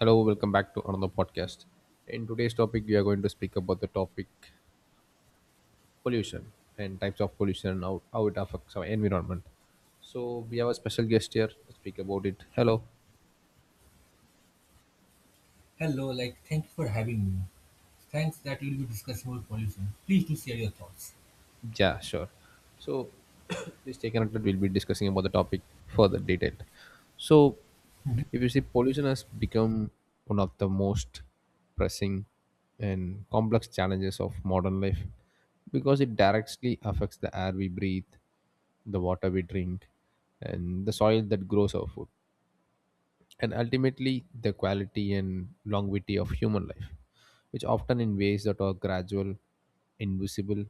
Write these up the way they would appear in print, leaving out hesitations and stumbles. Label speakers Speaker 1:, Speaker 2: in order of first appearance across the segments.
Speaker 1: Hello, welcome back to another podcast. In today's topic, we are going to speak about the topic pollution and types of pollution and how it affects our environment. So, we have a special guest here to speak about it. Hello.
Speaker 2: Hello, like, thank you for having me. Thanks that we'll be discussing about pollution. Please do share your thoughts.
Speaker 1: Yeah, sure. So please stay connected. We'll be discussing about the topic further detailed. So
Speaker 2: Mhm.
Speaker 1: if you see pollution has become one of the most pressing and complex challenges of modern life because it directly affects the air we breathe, the water we drink, and the soil that grows our food, and ultimately the quality and longevity of human life, which often in ways that are gradual, invisible,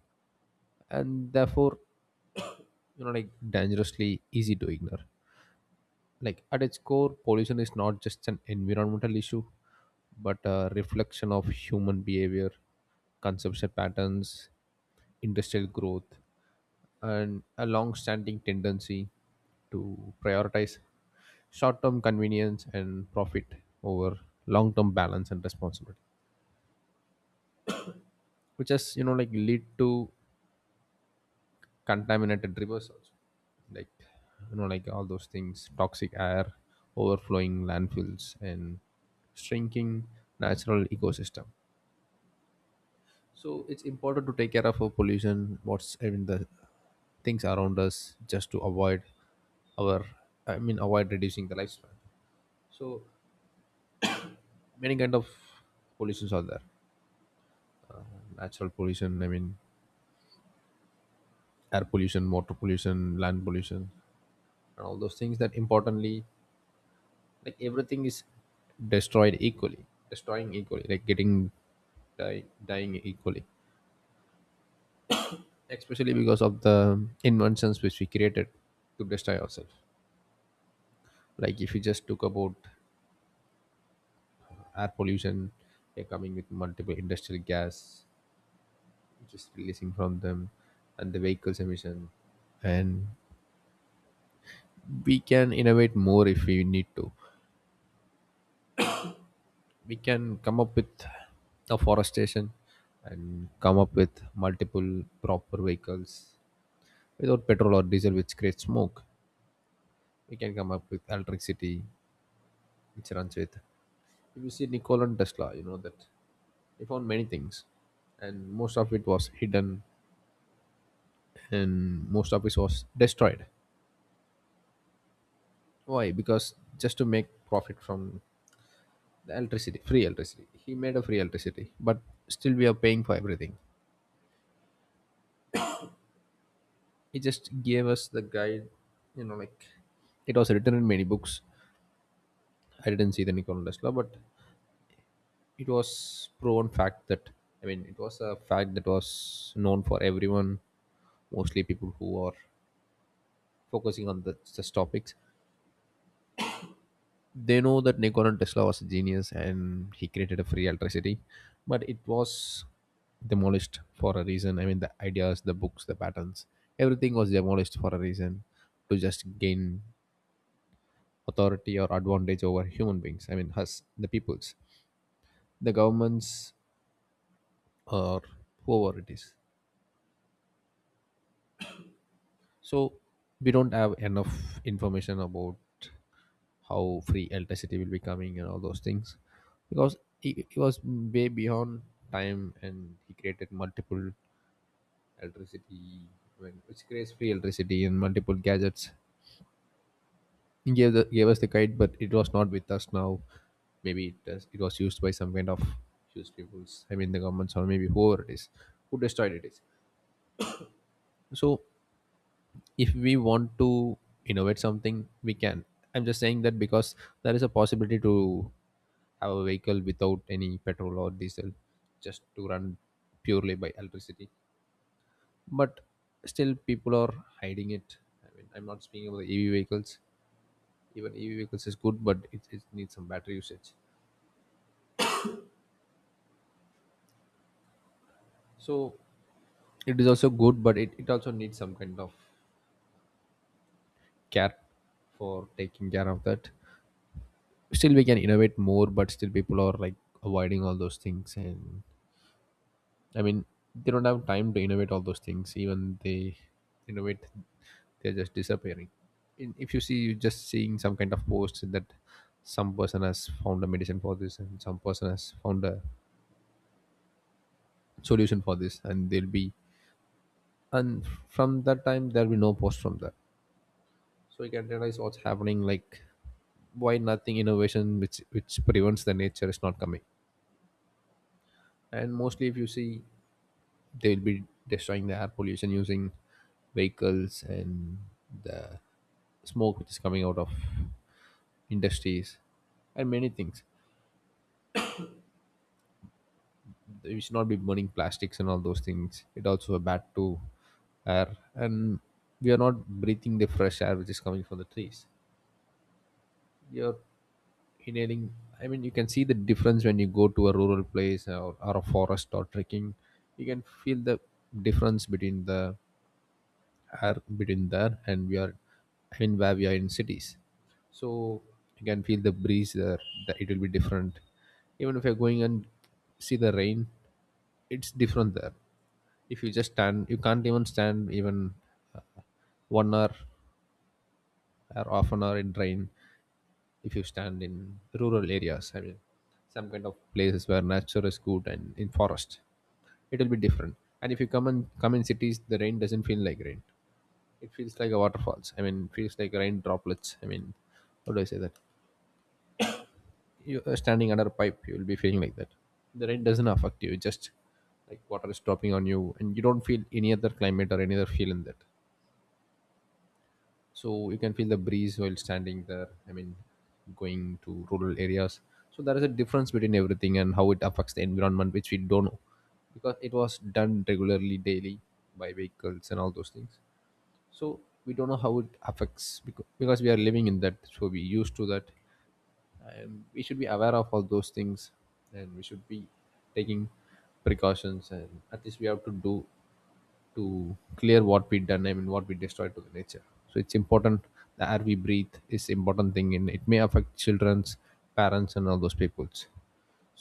Speaker 1: and therefore dangerously easy to ignore, like at its core pollution is not just an environmental issue but a reflection of human behavior, consumption patterns, industrial growth, and a long-standing tendency to prioritize short-term convenience and profit over long-term balance and responsibility, which has lead to contaminated rivers also, like all those things, toxic air, overflowing landfills, and shrinking natural ecosystem. So it's important to take care of our pollution, what's in the things around us, just to avoid our I mean avoid reducing the lifespan. So many kind of pollutions are there, natural pollution, air pollution, water pollution, land pollution, and all those things. That importantly, like everything is destroyed equally destroying equally, like getting dying equally, especially because of the inventions which we created to destroy ourselves. Like if you just took about air pollution, they're coming with multiple industrial gas just releasing from them, and the vehicles emission, and we can innovate more if we need to. We can come up with afforestation and come up with multiple proper vehicles without petrol or diesel which creates smoke. We can come up with electricity which runs with, if you see Nikola Tesla, you know that he found many things, and most of it was hidden, and most of it was destroyed. Why? Because just to make profit from the electricity, free electricity. He made a free electricity, but still we are paying for everything. He just gave us the guide, you know, like it was written in many books. I didn't see the Nikola Tesla, but it was proven fact that, I mean it was a fact that was known for everyone. Mostly people who are focusing on the, such topics, they know that Nikola Tesla was a genius and he created a free electricity, but it was demolished for a reason. I mean the ideas, the books, the patterns, everything was demolished for a reason, to just gain authority or advantage over human beings, I mean us, the peoples, the governments, or whoever it is. So we don't have enough information about how free electricity will be coming and all those things, because he was way beyond time and he created multiple electricity, I mean, which creates free electricity and multiple gadgets. He gave the gave us the guide, but it was not with us now. Maybe it was used by some kind of used peoples, I mean the governments, or maybe whoever it is who destroyed it is. So if we want to innovate something, we can. I'm just saying that because there is a possibility to have a vehicle without any petrol or diesel, just to run purely by electricity. But still people are hiding it. I mean, I'm not speaking about the EV vehicles. Even EV vehicles is good, but it needs some battery usage. So it is also good, but it also needs some kind of care for taking care of that. Still we can innovate more, but still people are like avoiding all those things, and I mean they don't have time to innovate all those things. Even they innovate, they're just disappearing. If you see, you're just seeing some kind of post that some person has found a medicine for this and some person has found a solution for this, and they'll be, and from that time there'll be no post from that. So you can realize what's happening, like why nothing innovation which prevents the nature is not coming. And mostly if you see, they'll be destroying the air pollution using vehicles and the smoke which is coming out of industries and many things. We should not be burning plastics and all those things. It also a bad to air, and we are not breathing the fresh air which is coming from the trees. You're inhaling, I mean you can see the difference when you go to a rural place or a forest or trekking. You can feel the difference between the air between there and we are, I mean where we are in cities. So you can feel the breeze there, that it will be different. Even if you're going and see the rain, it's different there. If you just stand, you can't even stand even uh, 1 hour or half an hour in rain. If you stand in rural areas, I mean some kind of places where nature is good and in forest, it will be different. And if you come and come in cities, the rain doesn't feel like rain. It feels like a waterfalls. I mean, it feels like rain droplets. I mean, how do I say that? You are standing under a pipe, you will be feeling like that. The rain doesn't affect you. It just like water is dropping on you, and you don't feel any other climate or any other feel in that. So you can feel the breeze while standing there. I mean, going to rural areas. So there is a difference between everything and how it affects the environment, which we don't know, because it was done regularly, daily by vehicles and all those things. So we don't know how it affects because, we are living in that, so we used to that. And we should be aware of all those things, and we should be taking precautions, and at least we have to do to clear what we done, I mean what we destroyed to the nature. So it's important. The air we breathe is important thing, and it may affect children's, parents, and all those peoples.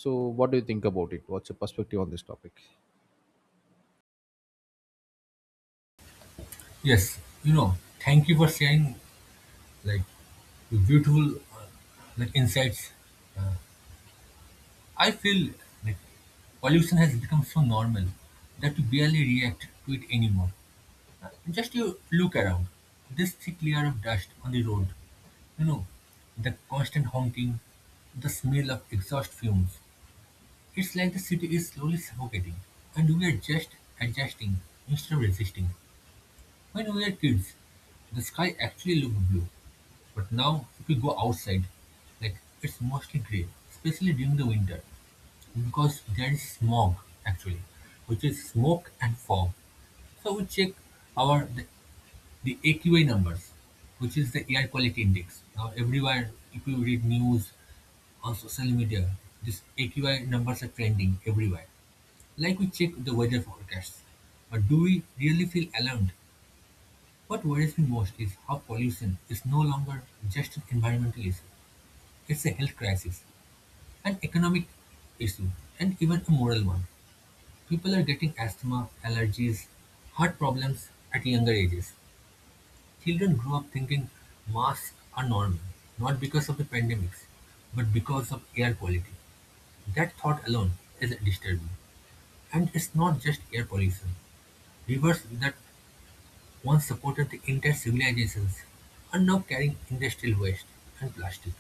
Speaker 1: So what do you think about it? What's your perspective on this topic?
Speaker 2: Yes, thank you for sharing like the beautiful like insights. I feel like pollution has become so normal that we barely react to it anymore. Just you look around, this thick layer of dust on the road, you know, the constant honking, the smell of exhaust fumes. It's like the city is slowly suffocating, and we are just adjusting instead of resisting. When we were kids, the sky actually looked blue, but now if we go outside, like it's mostly grey, especially during the winter, because there is smog actually, which is smoke and fog. So we check our the, the AQI numbers, which is the air quality index. Now everywhere, if you read news on social media, this AQI numbers are trending everywhere. Like we check the weather forecast, but do we really feel alarmed? What worries me most is how pollution is no longer just an environmental issue. It's a health crisis, an economic issue, and even a moral one. People are getting asthma, allergies, heart problems at younger ages. Children grow up thinking masks are normal, not because of the pandemics, but because of air quality. That thought alone is disturbing. And it's not just air pollution. Rivers that once supported the entire civilizations, are now carrying industrial waste and plastic.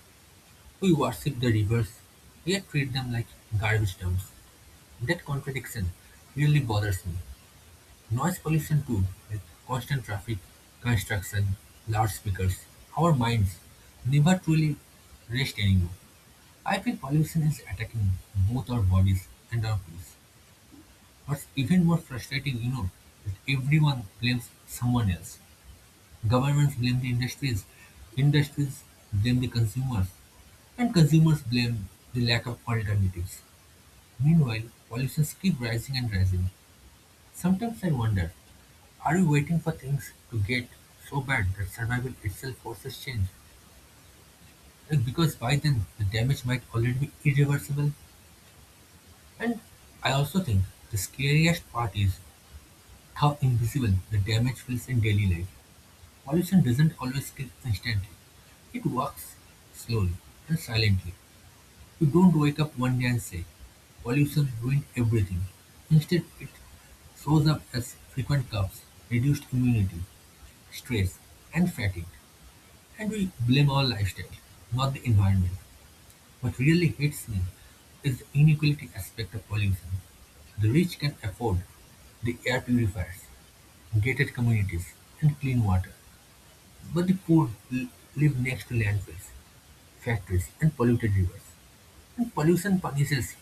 Speaker 2: We worship the rivers, yet treat them like garbage dumps. That contradiction really bothers me. Noise pollution too, like constant traffic, construction, loudspeakers. Our minds never truly rest anymore. I feel pollution is attacking both our bodies and our peace. What's even more frustrating, that everyone blames someone else. Governments blame the industries, industries blame the consumers, and consumers blame the lack of alternatives. Meanwhile, pollutions keep rising and rising. Sometimes I wonder, are we waiting for things to get so bad that survival itself forces change? Like because by then the damage might already be irreversible. And I also think the scariest part is how invisible the damage feels in daily life. Pollution doesn't always kill instantly. It works slowly and silently. You don't wake up one day and say, pollution ruined everything. Instead, it shows up as frequent coughs, reduced immunity, stress, and fatigue. And we blame our lifestyle, not the environment. What really hits me is the inequality aspect of pollution. The rich can afford the air purifiers, gated communities, and clean water. But the poor live next to landfills, factories, and polluted rivers. And pollution punishes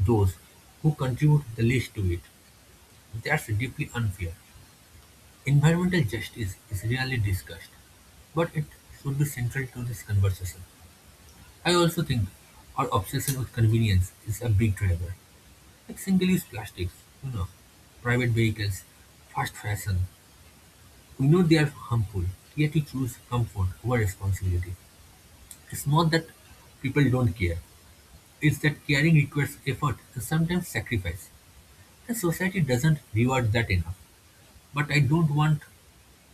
Speaker 2: those who contribute the least to it. That's deeply unfair. Environmental justice is rarely discussed, but it should be central to this conversation. I also think our obsession with convenience is a big driver. Like single-use plastics, you know, private vehicles, fast fashion. We know they are harmful, yet we choose comfort over responsibility. It's not that people don't care, it's that caring requires effort and sometimes sacrifice, and society doesn't reward that enough. But I don't want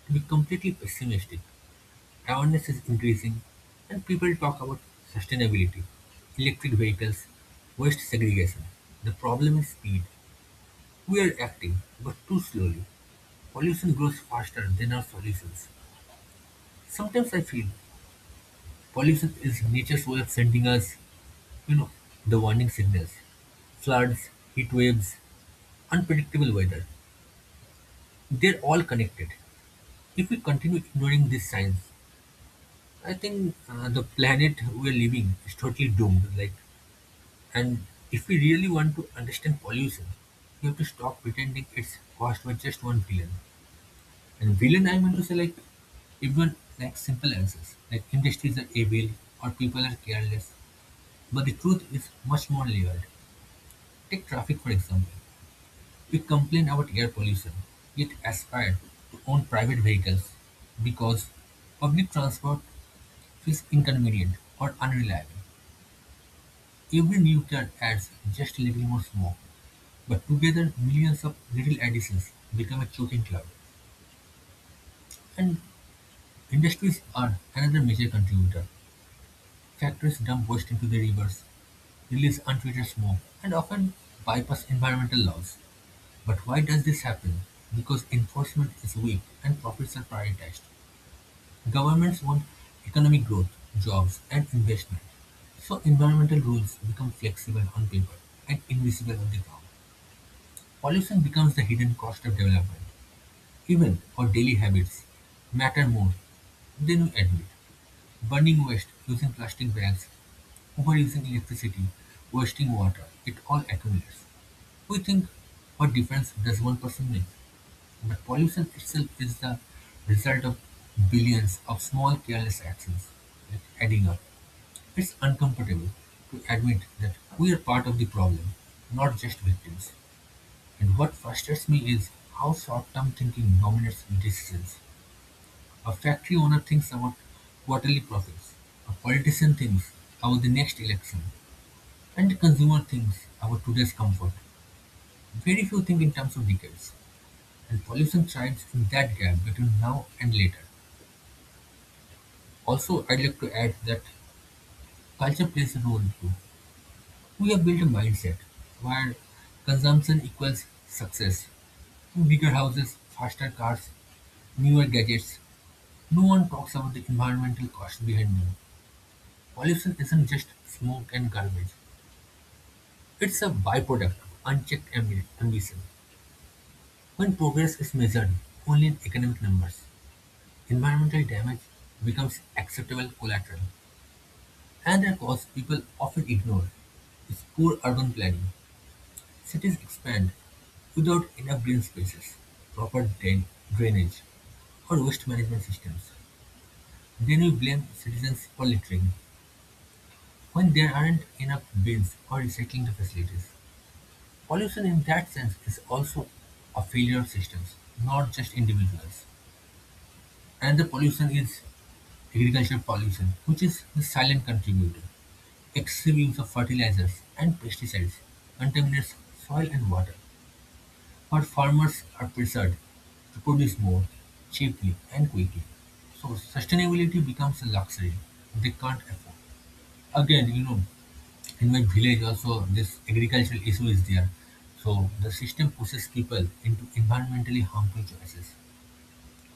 Speaker 2: to be completely pessimistic. Awareness is increasing, and people talk about sustainability, electric vehicles, waste segregation. The problem is speed. We are acting, but too slowly. Pollution grows faster than our solutions. Sometimes I feel pollution is nature's way of sending us. You know, the warning signals, floods, heat waves, unpredictable weather, they're all connected. If we continue ignoring these signs, I think the planet we're living is totally doomed. Like, and if we really want to understand pollution, we have to stop pretending it's caused by just one villain. And villain, I mean to say, like, even like simple answers, like industries are evil or people are careless. But the truth is much more layered. Take traffic for example. We complain about air pollution, yet aspire to own private vehicles because public transport feels inconvenient or unreliable. Every new car adds just a little more smoke, but together millions of little additions become a choking cloud. And industries are another major contributor. Factories dump waste into the rivers, release untreated smoke, and often bypass environmental laws. But why does this happen? Because enforcement is weak and profits are prioritized. Governments want economic growth, jobs and investment, so environmental rules become flexible on paper and invisible on the ground. Pollution becomes the hidden cost of development. Even our daily habits matter more than we admit. Burning waste, using plastic bags, overusing electricity, wasting water, it all accumulates. We think, what difference does one person make? The pollution itself is the result of billions of small careless actions like adding up. It's uncomfortable to admit that we are part of the problem, not just victims. And what frustrates me is how short term thinking dominates decisions. A factory owner thinks about quarterly profits, a politician thinks about the next election, and the consumer thinks about today's comfort. Very few think in terms of decades, and pollution thrives in that gap between now and later. Also, I'd like to add that culture plays a role too. We have built a mindset where consumption equals success. Bigger houses, faster cars, newer gadgets. No one talks about the environmental cost behind them. Pollution isn't just smoke and garbage, it's a byproduct of unchecked ambition. When progress is measured only in economic numbers, environmental damage becomes acceptable collateral, and their cause people often ignore. It's poor urban planning. Cities expand without enough green spaces, proper drainage, or waste management systems. Then we blame citizens for littering when there aren't enough bins or recycling facilities. Pollution in that sense is also a failure of systems, not just individuals. Another pollution is agricultural pollution, which is the silent contributor. Excessive use of fertilizers and pesticides contaminates soil and water. But farmers are pressured to produce more, cheaply and quickly. So sustainability becomes a luxury they can't afford. Again, in my village also this agricultural issue is there. So the system pushes people into environmentally harmful choices.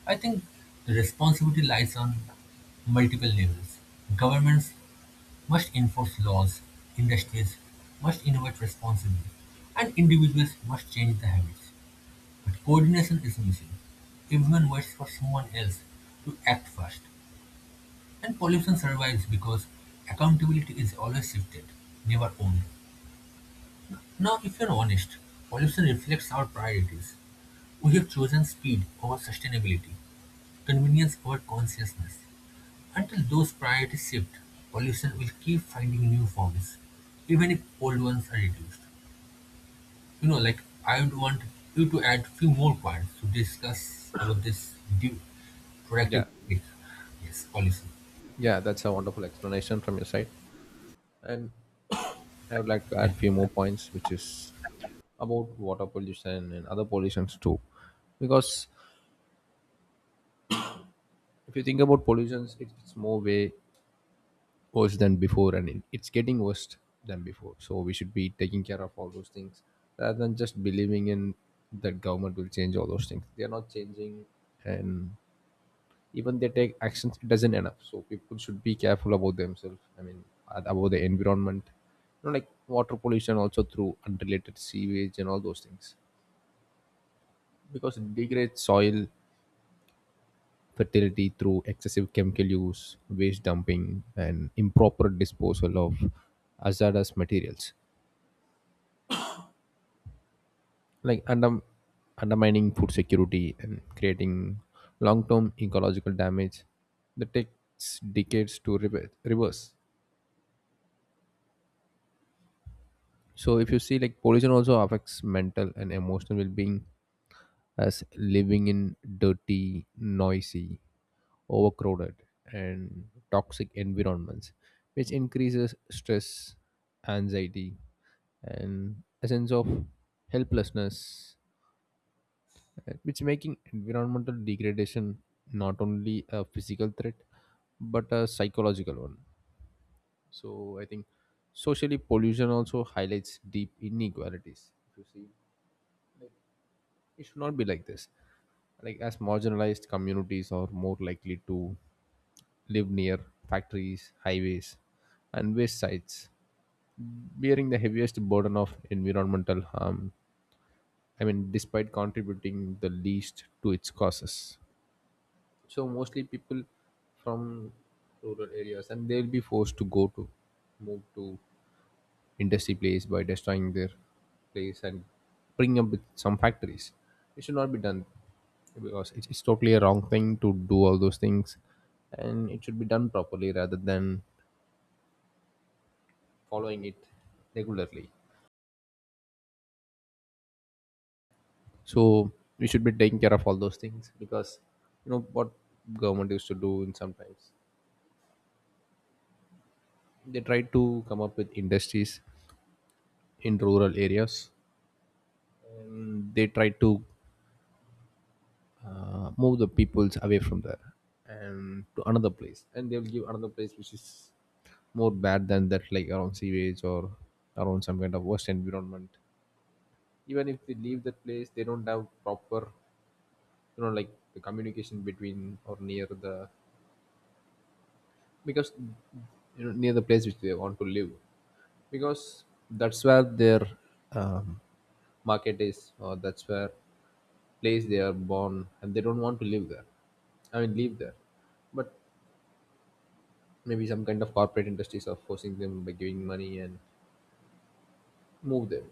Speaker 2: I think the responsibility lies on multiple levels. Governments must enforce laws, industries must innovate responsibly, and individuals must change the habits. Coordination is missing; everyone waits for someone else to act first, and pollution survives because accountability is always shifted, never owned. Now, if you're honest, pollution reflects our priorities. We have chosen speed over sustainability, convenience over consciousness. Until those priorities shift, pollution will keep finding new forms, even if old ones are reduced. Like, I would want you to add few more points to discuss about this due productive
Speaker 1: Yeah.
Speaker 2: public, yes policy.
Speaker 1: Yeah, that's a wonderful explanation from your side. And I would like to
Speaker 2: Yeah,
Speaker 1: add few more points, which is about water pollution and other pollutions too, because if you think about pollutions, it's more way worse than before, and it's getting worse than before. So we should be taking care of all those things rather than just believing in that government will change all those things. They are not changing, and even they take actions, it doesn't enough. So people should be careful about themselves. I mean, about the environment, you know, like water pollution also through unrelated sewage and all those things, because it degrades soil fertility through excessive chemical use, waste dumping, and improper disposal of hazardous materials, like undermining food security and creating long term ecological damage that takes decades to reverse. So, if you see, like pollution also affects mental and emotional well being, as living in dirty, noisy, overcrowded, and toxic environments, which increases stress, anxiety, and a sense of helplessness, which making environmental degradation not only a physical threat but a psychological one. So I think socially pollution also highlights deep inequalities. If you see, it should not be like this, like as marginalized communities are more likely to live near factories, highways, and waste sites, bearing the heaviest burden of environmental harm, I mean despite contributing the least to its causes. So mostly people from rural areas, and they'll be forced to go to move to industry place by destroying their place and bring up with some factories. It should not be done, because it's totally a wrong thing to do all those things, and it should be done properly rather than following it regularly. So we should be taking care of all those things because you know what government used to do in sometimes: they try to come up with industries in rural areas and they try to move the peoples away from there and to another place, and they'll give another place which is more bad than that, like around sewage or around some kind of worst environment. Even if they leave that place, they don't have proper, you know, like the communication between or near the, because you know, near the place which they want to live, because that's where their um, market is, or that's where place they are born and they don't want to live there, I mean live there. But maybe some kind of corporate industries are forcing them by giving money and move them.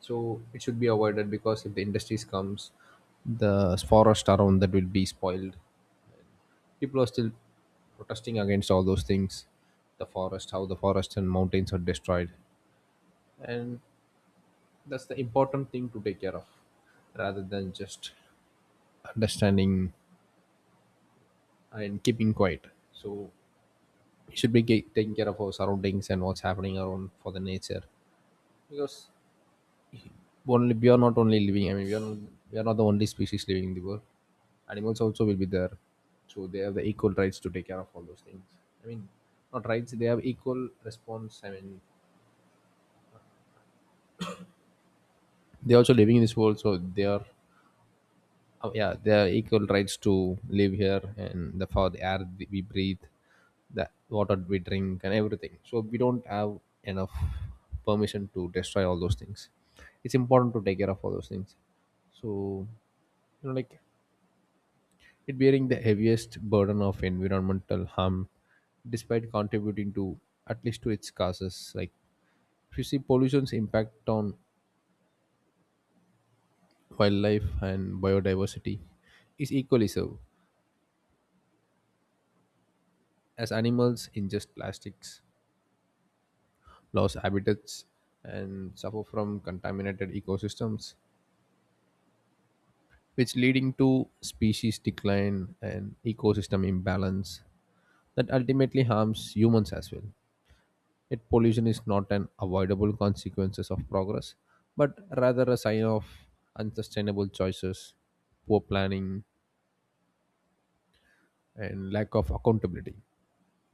Speaker 1: So it should be avoided, because if the industries comes, the forest around that will be spoiled. People are still protesting against all those things, the forest, how the forest and mountains are destroyed. And that's the important thing to take care of, rather than just understanding and keeping quiet. So we should be taking care of our surroundings and what's happening around for the nature, because only we are not only living, I mean we are not the only species living in the world. Animals also will be there, so they have the equal rights to take care of all those things. I mean, not rights, they have equal response, I mean, they also living in this world, so they are, oh yeah, they have equal rights to live here and the for the air we breathe, the water we drink and everything, so we don't have enough permission to destroy all those things. It's important to take care of all those things. So you know, like it bearing the heaviest burden of environmental harm despite contributing to at least to its causes. Like if you see pollution's impact on wildlife and biodiversity is equally so, as animals ingest plastics, lose habitats, and suffer from contaminated ecosystems, which leading to species decline and ecosystem imbalance that ultimately harms humans as well. Yet pollution is not an avoidable consequences of progress, but rather a sign of unsustainable choices, poor planning, and lack of accountability.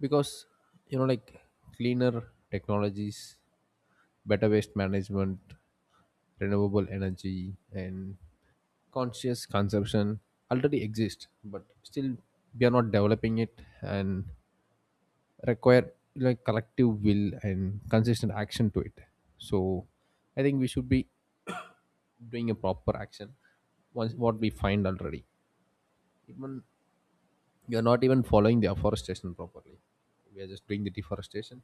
Speaker 1: Because you know, like cleaner technologies, better waste management, renewable energy, and conscious consumption already exist, but still we are not developing it and require like collective will and consistent action to it. So I think we should be doing a proper action once what we find already. Even you're not even following the afforestation properly, we are just doing the deforestation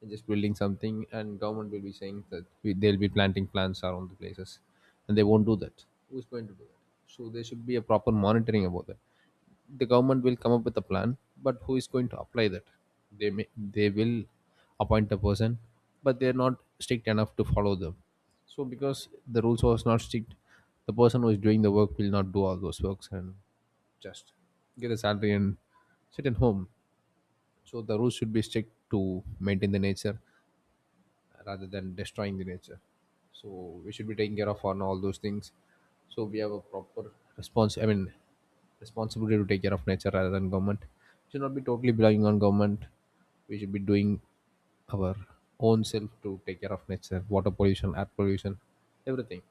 Speaker 1: and just building something, and government will be saying that they'll be planting plants around the places, and they won't do that. Who's going to do that? So there should be a proper monitoring about that. The government will come up with a plan, but who is going to apply that? they may they will appoint a person, but they're not strict enough to follow them. So because the rules was not strict, the person who is doing the work will not do all those works and just get a salary and sit at home. So the rules should be strict to maintain the nature rather than destroying the nature. So we should be taking care of on all those things. So we have a proper response, I mean, responsibility to take care of nature rather than government. We should not be totally relying on government. We should be doing our own self to take care of nature, water pollution, air pollution, everything.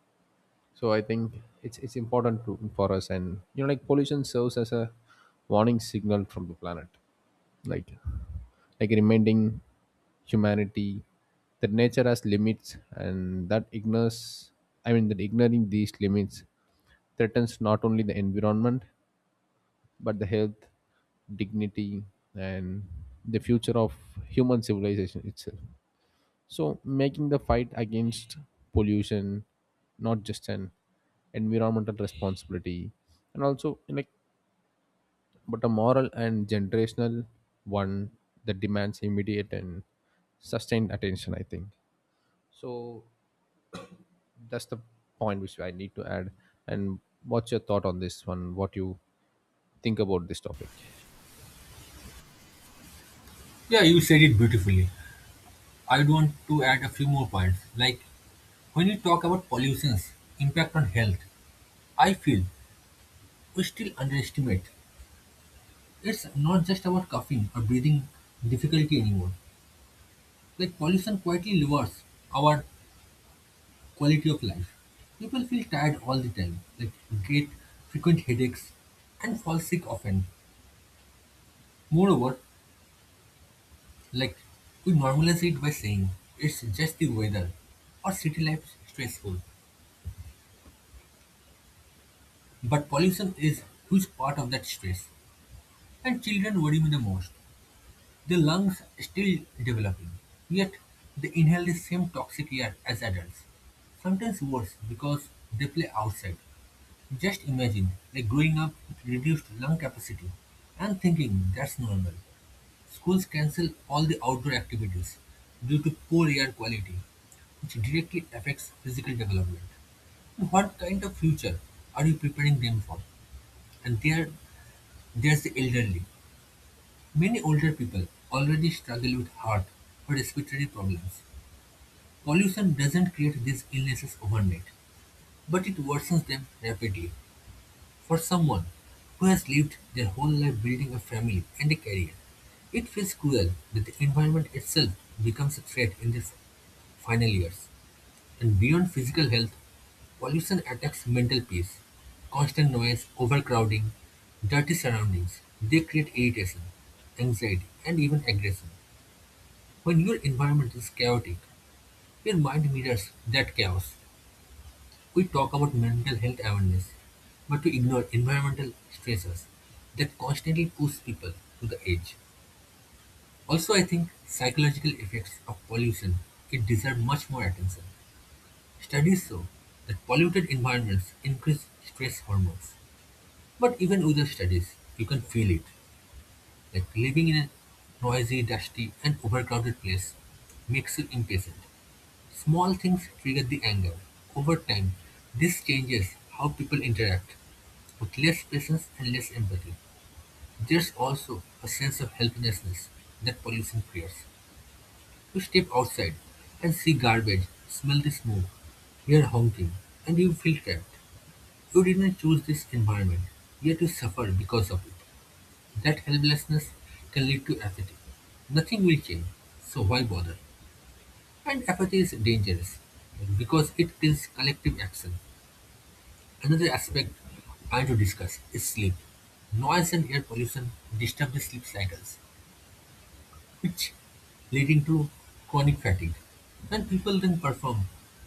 Speaker 1: So I think it's important to, for us, and you know, like pollution serves as a warning signal from the planet. Like reminding humanity that nature has limits, and that ignores, I mean that ignoring these limits threatens not only the environment, but the health, dignity, and the future of human civilization itself. So making the fight against pollution not just an environmental responsibility and also like, but a moral and generational one that demands immediate and sustained attention, I think. So that's the point which I need to add. And what's your thought on this one? What you think about this topic?
Speaker 2: yeah, you said it beautifully. I would want to add a few more points. Like when you talk about pollution's impact on health, I feel we still underestimate. It's not just about coughing or breathing difficulty anymore. Like pollution quietly lowers our quality of life. People feel tired all the time, like get frequent headaches and fall sick often. Moreover, like we normalize it by saying it's just the weather or city life is stressful. But pollution is huge part of that stress, and children worry me the most. The lungs still developing, yet they inhale the same toxic air as adults, sometimes worse because they play outside. Just imagine like growing up with reduced lung capacity and thinking that's normal. Schools cancel all the outdoor activities due to poor air quality, which directly affects physical development. What kind of future are you preparing them for? And there's the elderly. Many older people already struggle with heart or respiratory problems. Pollution doesn't create these illnesses overnight, but it worsens them rapidly. For someone who has lived their whole life building a family and a career, it feels cruel that the environment itself becomes a threat in this final years. And beyond physical health, pollution attacks mental peace. Constant noise, overcrowding, dirty surroundings, they create irritation, anxiety, and even aggression. When your environment is chaotic, your mind mirrors that chaos. We talk about mental health awareness, but we ignore environmental stressors that constantly push people to the edge. Also, I think psychological effects of pollution, it deserve much more attention. Studies show that polluted environments increase stress hormones. But even with the studies, you can feel it. Like living in a noisy, dusty, and overcrowded place makes you impatient. Small things trigger the anger. Over time, this changes how people interact, with less patience and less empathy. There's also a sense of helplessness that pollution creates. You step outside and see garbage, smell the smoke, hear honking, and you feel trapped. You didn't choose this environment, yet you suffer because of it. That helplessness can lead to apathy. Nothing will change, so why bother? And apathy is dangerous because it kills collective action. Another aspect I want to discuss is sleep. Noise and air pollution disturb the sleep cycles, which leading to chronic fatigue. And people then perform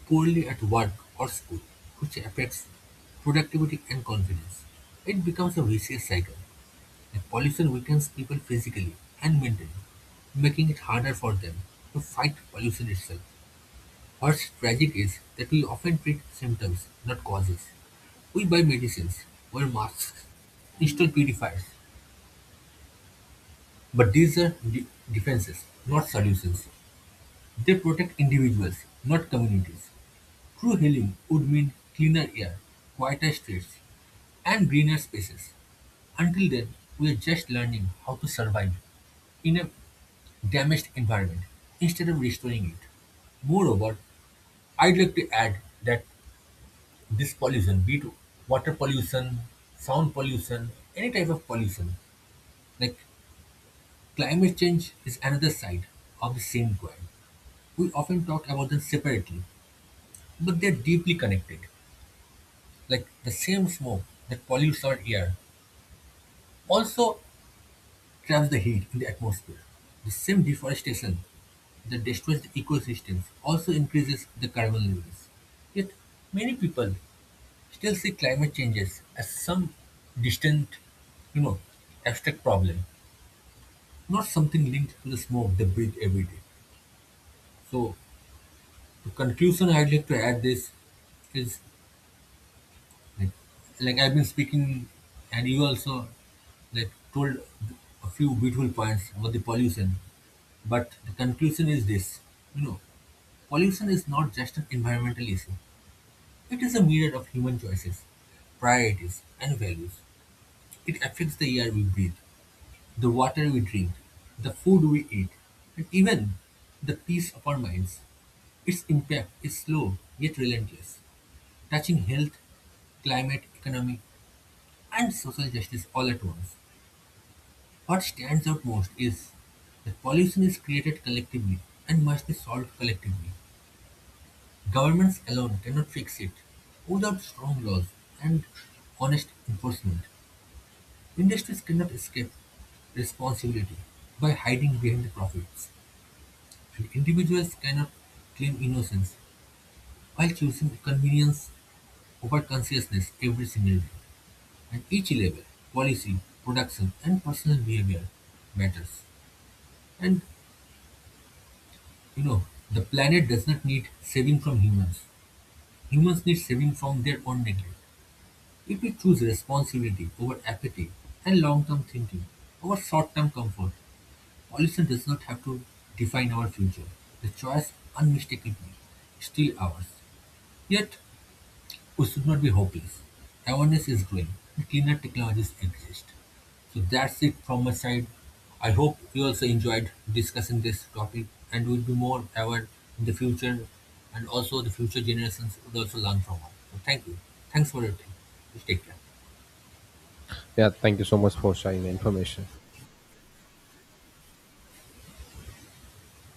Speaker 2: poorly at work or school, which affects productivity and confidence. It becomes a vicious cycle. And pollution weakens people physically and mentally, making it harder for them to fight pollution itself. What's tragic is that we often treat symptoms, not causes. We buy medicines, wear masks, install purifiers, but these are defenses, not solutions. They protect individuals, not communities. True healing would mean cleaner air, quieter streets, and greener spaces. Until then, we are just learning how to survive in a damaged environment instead of restoring it. Moreover, I'd like to add that this pollution, be it water pollution, sound pollution, any type of pollution, like climate change is another side of the same coin. We often talk about them separately, but they're deeply connected. Like the same smoke that pollutes our air also traps the heat in the atmosphere. The same deforestation that destroys the ecosystems also increases the carbon levels. Yet many people still see climate changes as some distant, you know, abstract problem, not something linked to the smoke they breathe every day. So the conclusion I'd like to add this is like, like I've been speaking, and you also like told a few beautiful points about the pollution. But the conclusion is this, you know, Pollution is not just an environmental issue. It is a myriad of human choices, priorities, and values. It affects the air we breathe, the water we drink, the food we eat, and even the peace of our minds. Its impact is slow yet relentless, touching health, climate, economic, and social justice all at once. What stands out most is that pollution is created collectively and must be solved collectively. Governments alone cannot fix it. Without strong laws and honest enforcement, industries cannot escape responsibility by hiding behind the profits. And individuals cannot claim innocence while choosing convenience over consciousness every single day. At each level, policy, production, and personal behavior matters. And you know, the planet does not need saving from humans. Humans need saving from their own neglect. If we choose responsibility over apathy and long-term thinking over short-term comfort, pollution does not have to define our future. The choice unmistakably is still ours. Yet we should not be hopeless. Awareness is growing, and cleaner technologies exist. So that's it from my side. I hope you also enjoyed discussing this topic and will be more aware in the future, and also the future generations would also learn from us. So thank you. Thanks for your time. Take care.
Speaker 1: Yeah, thank you so much for sharing the information.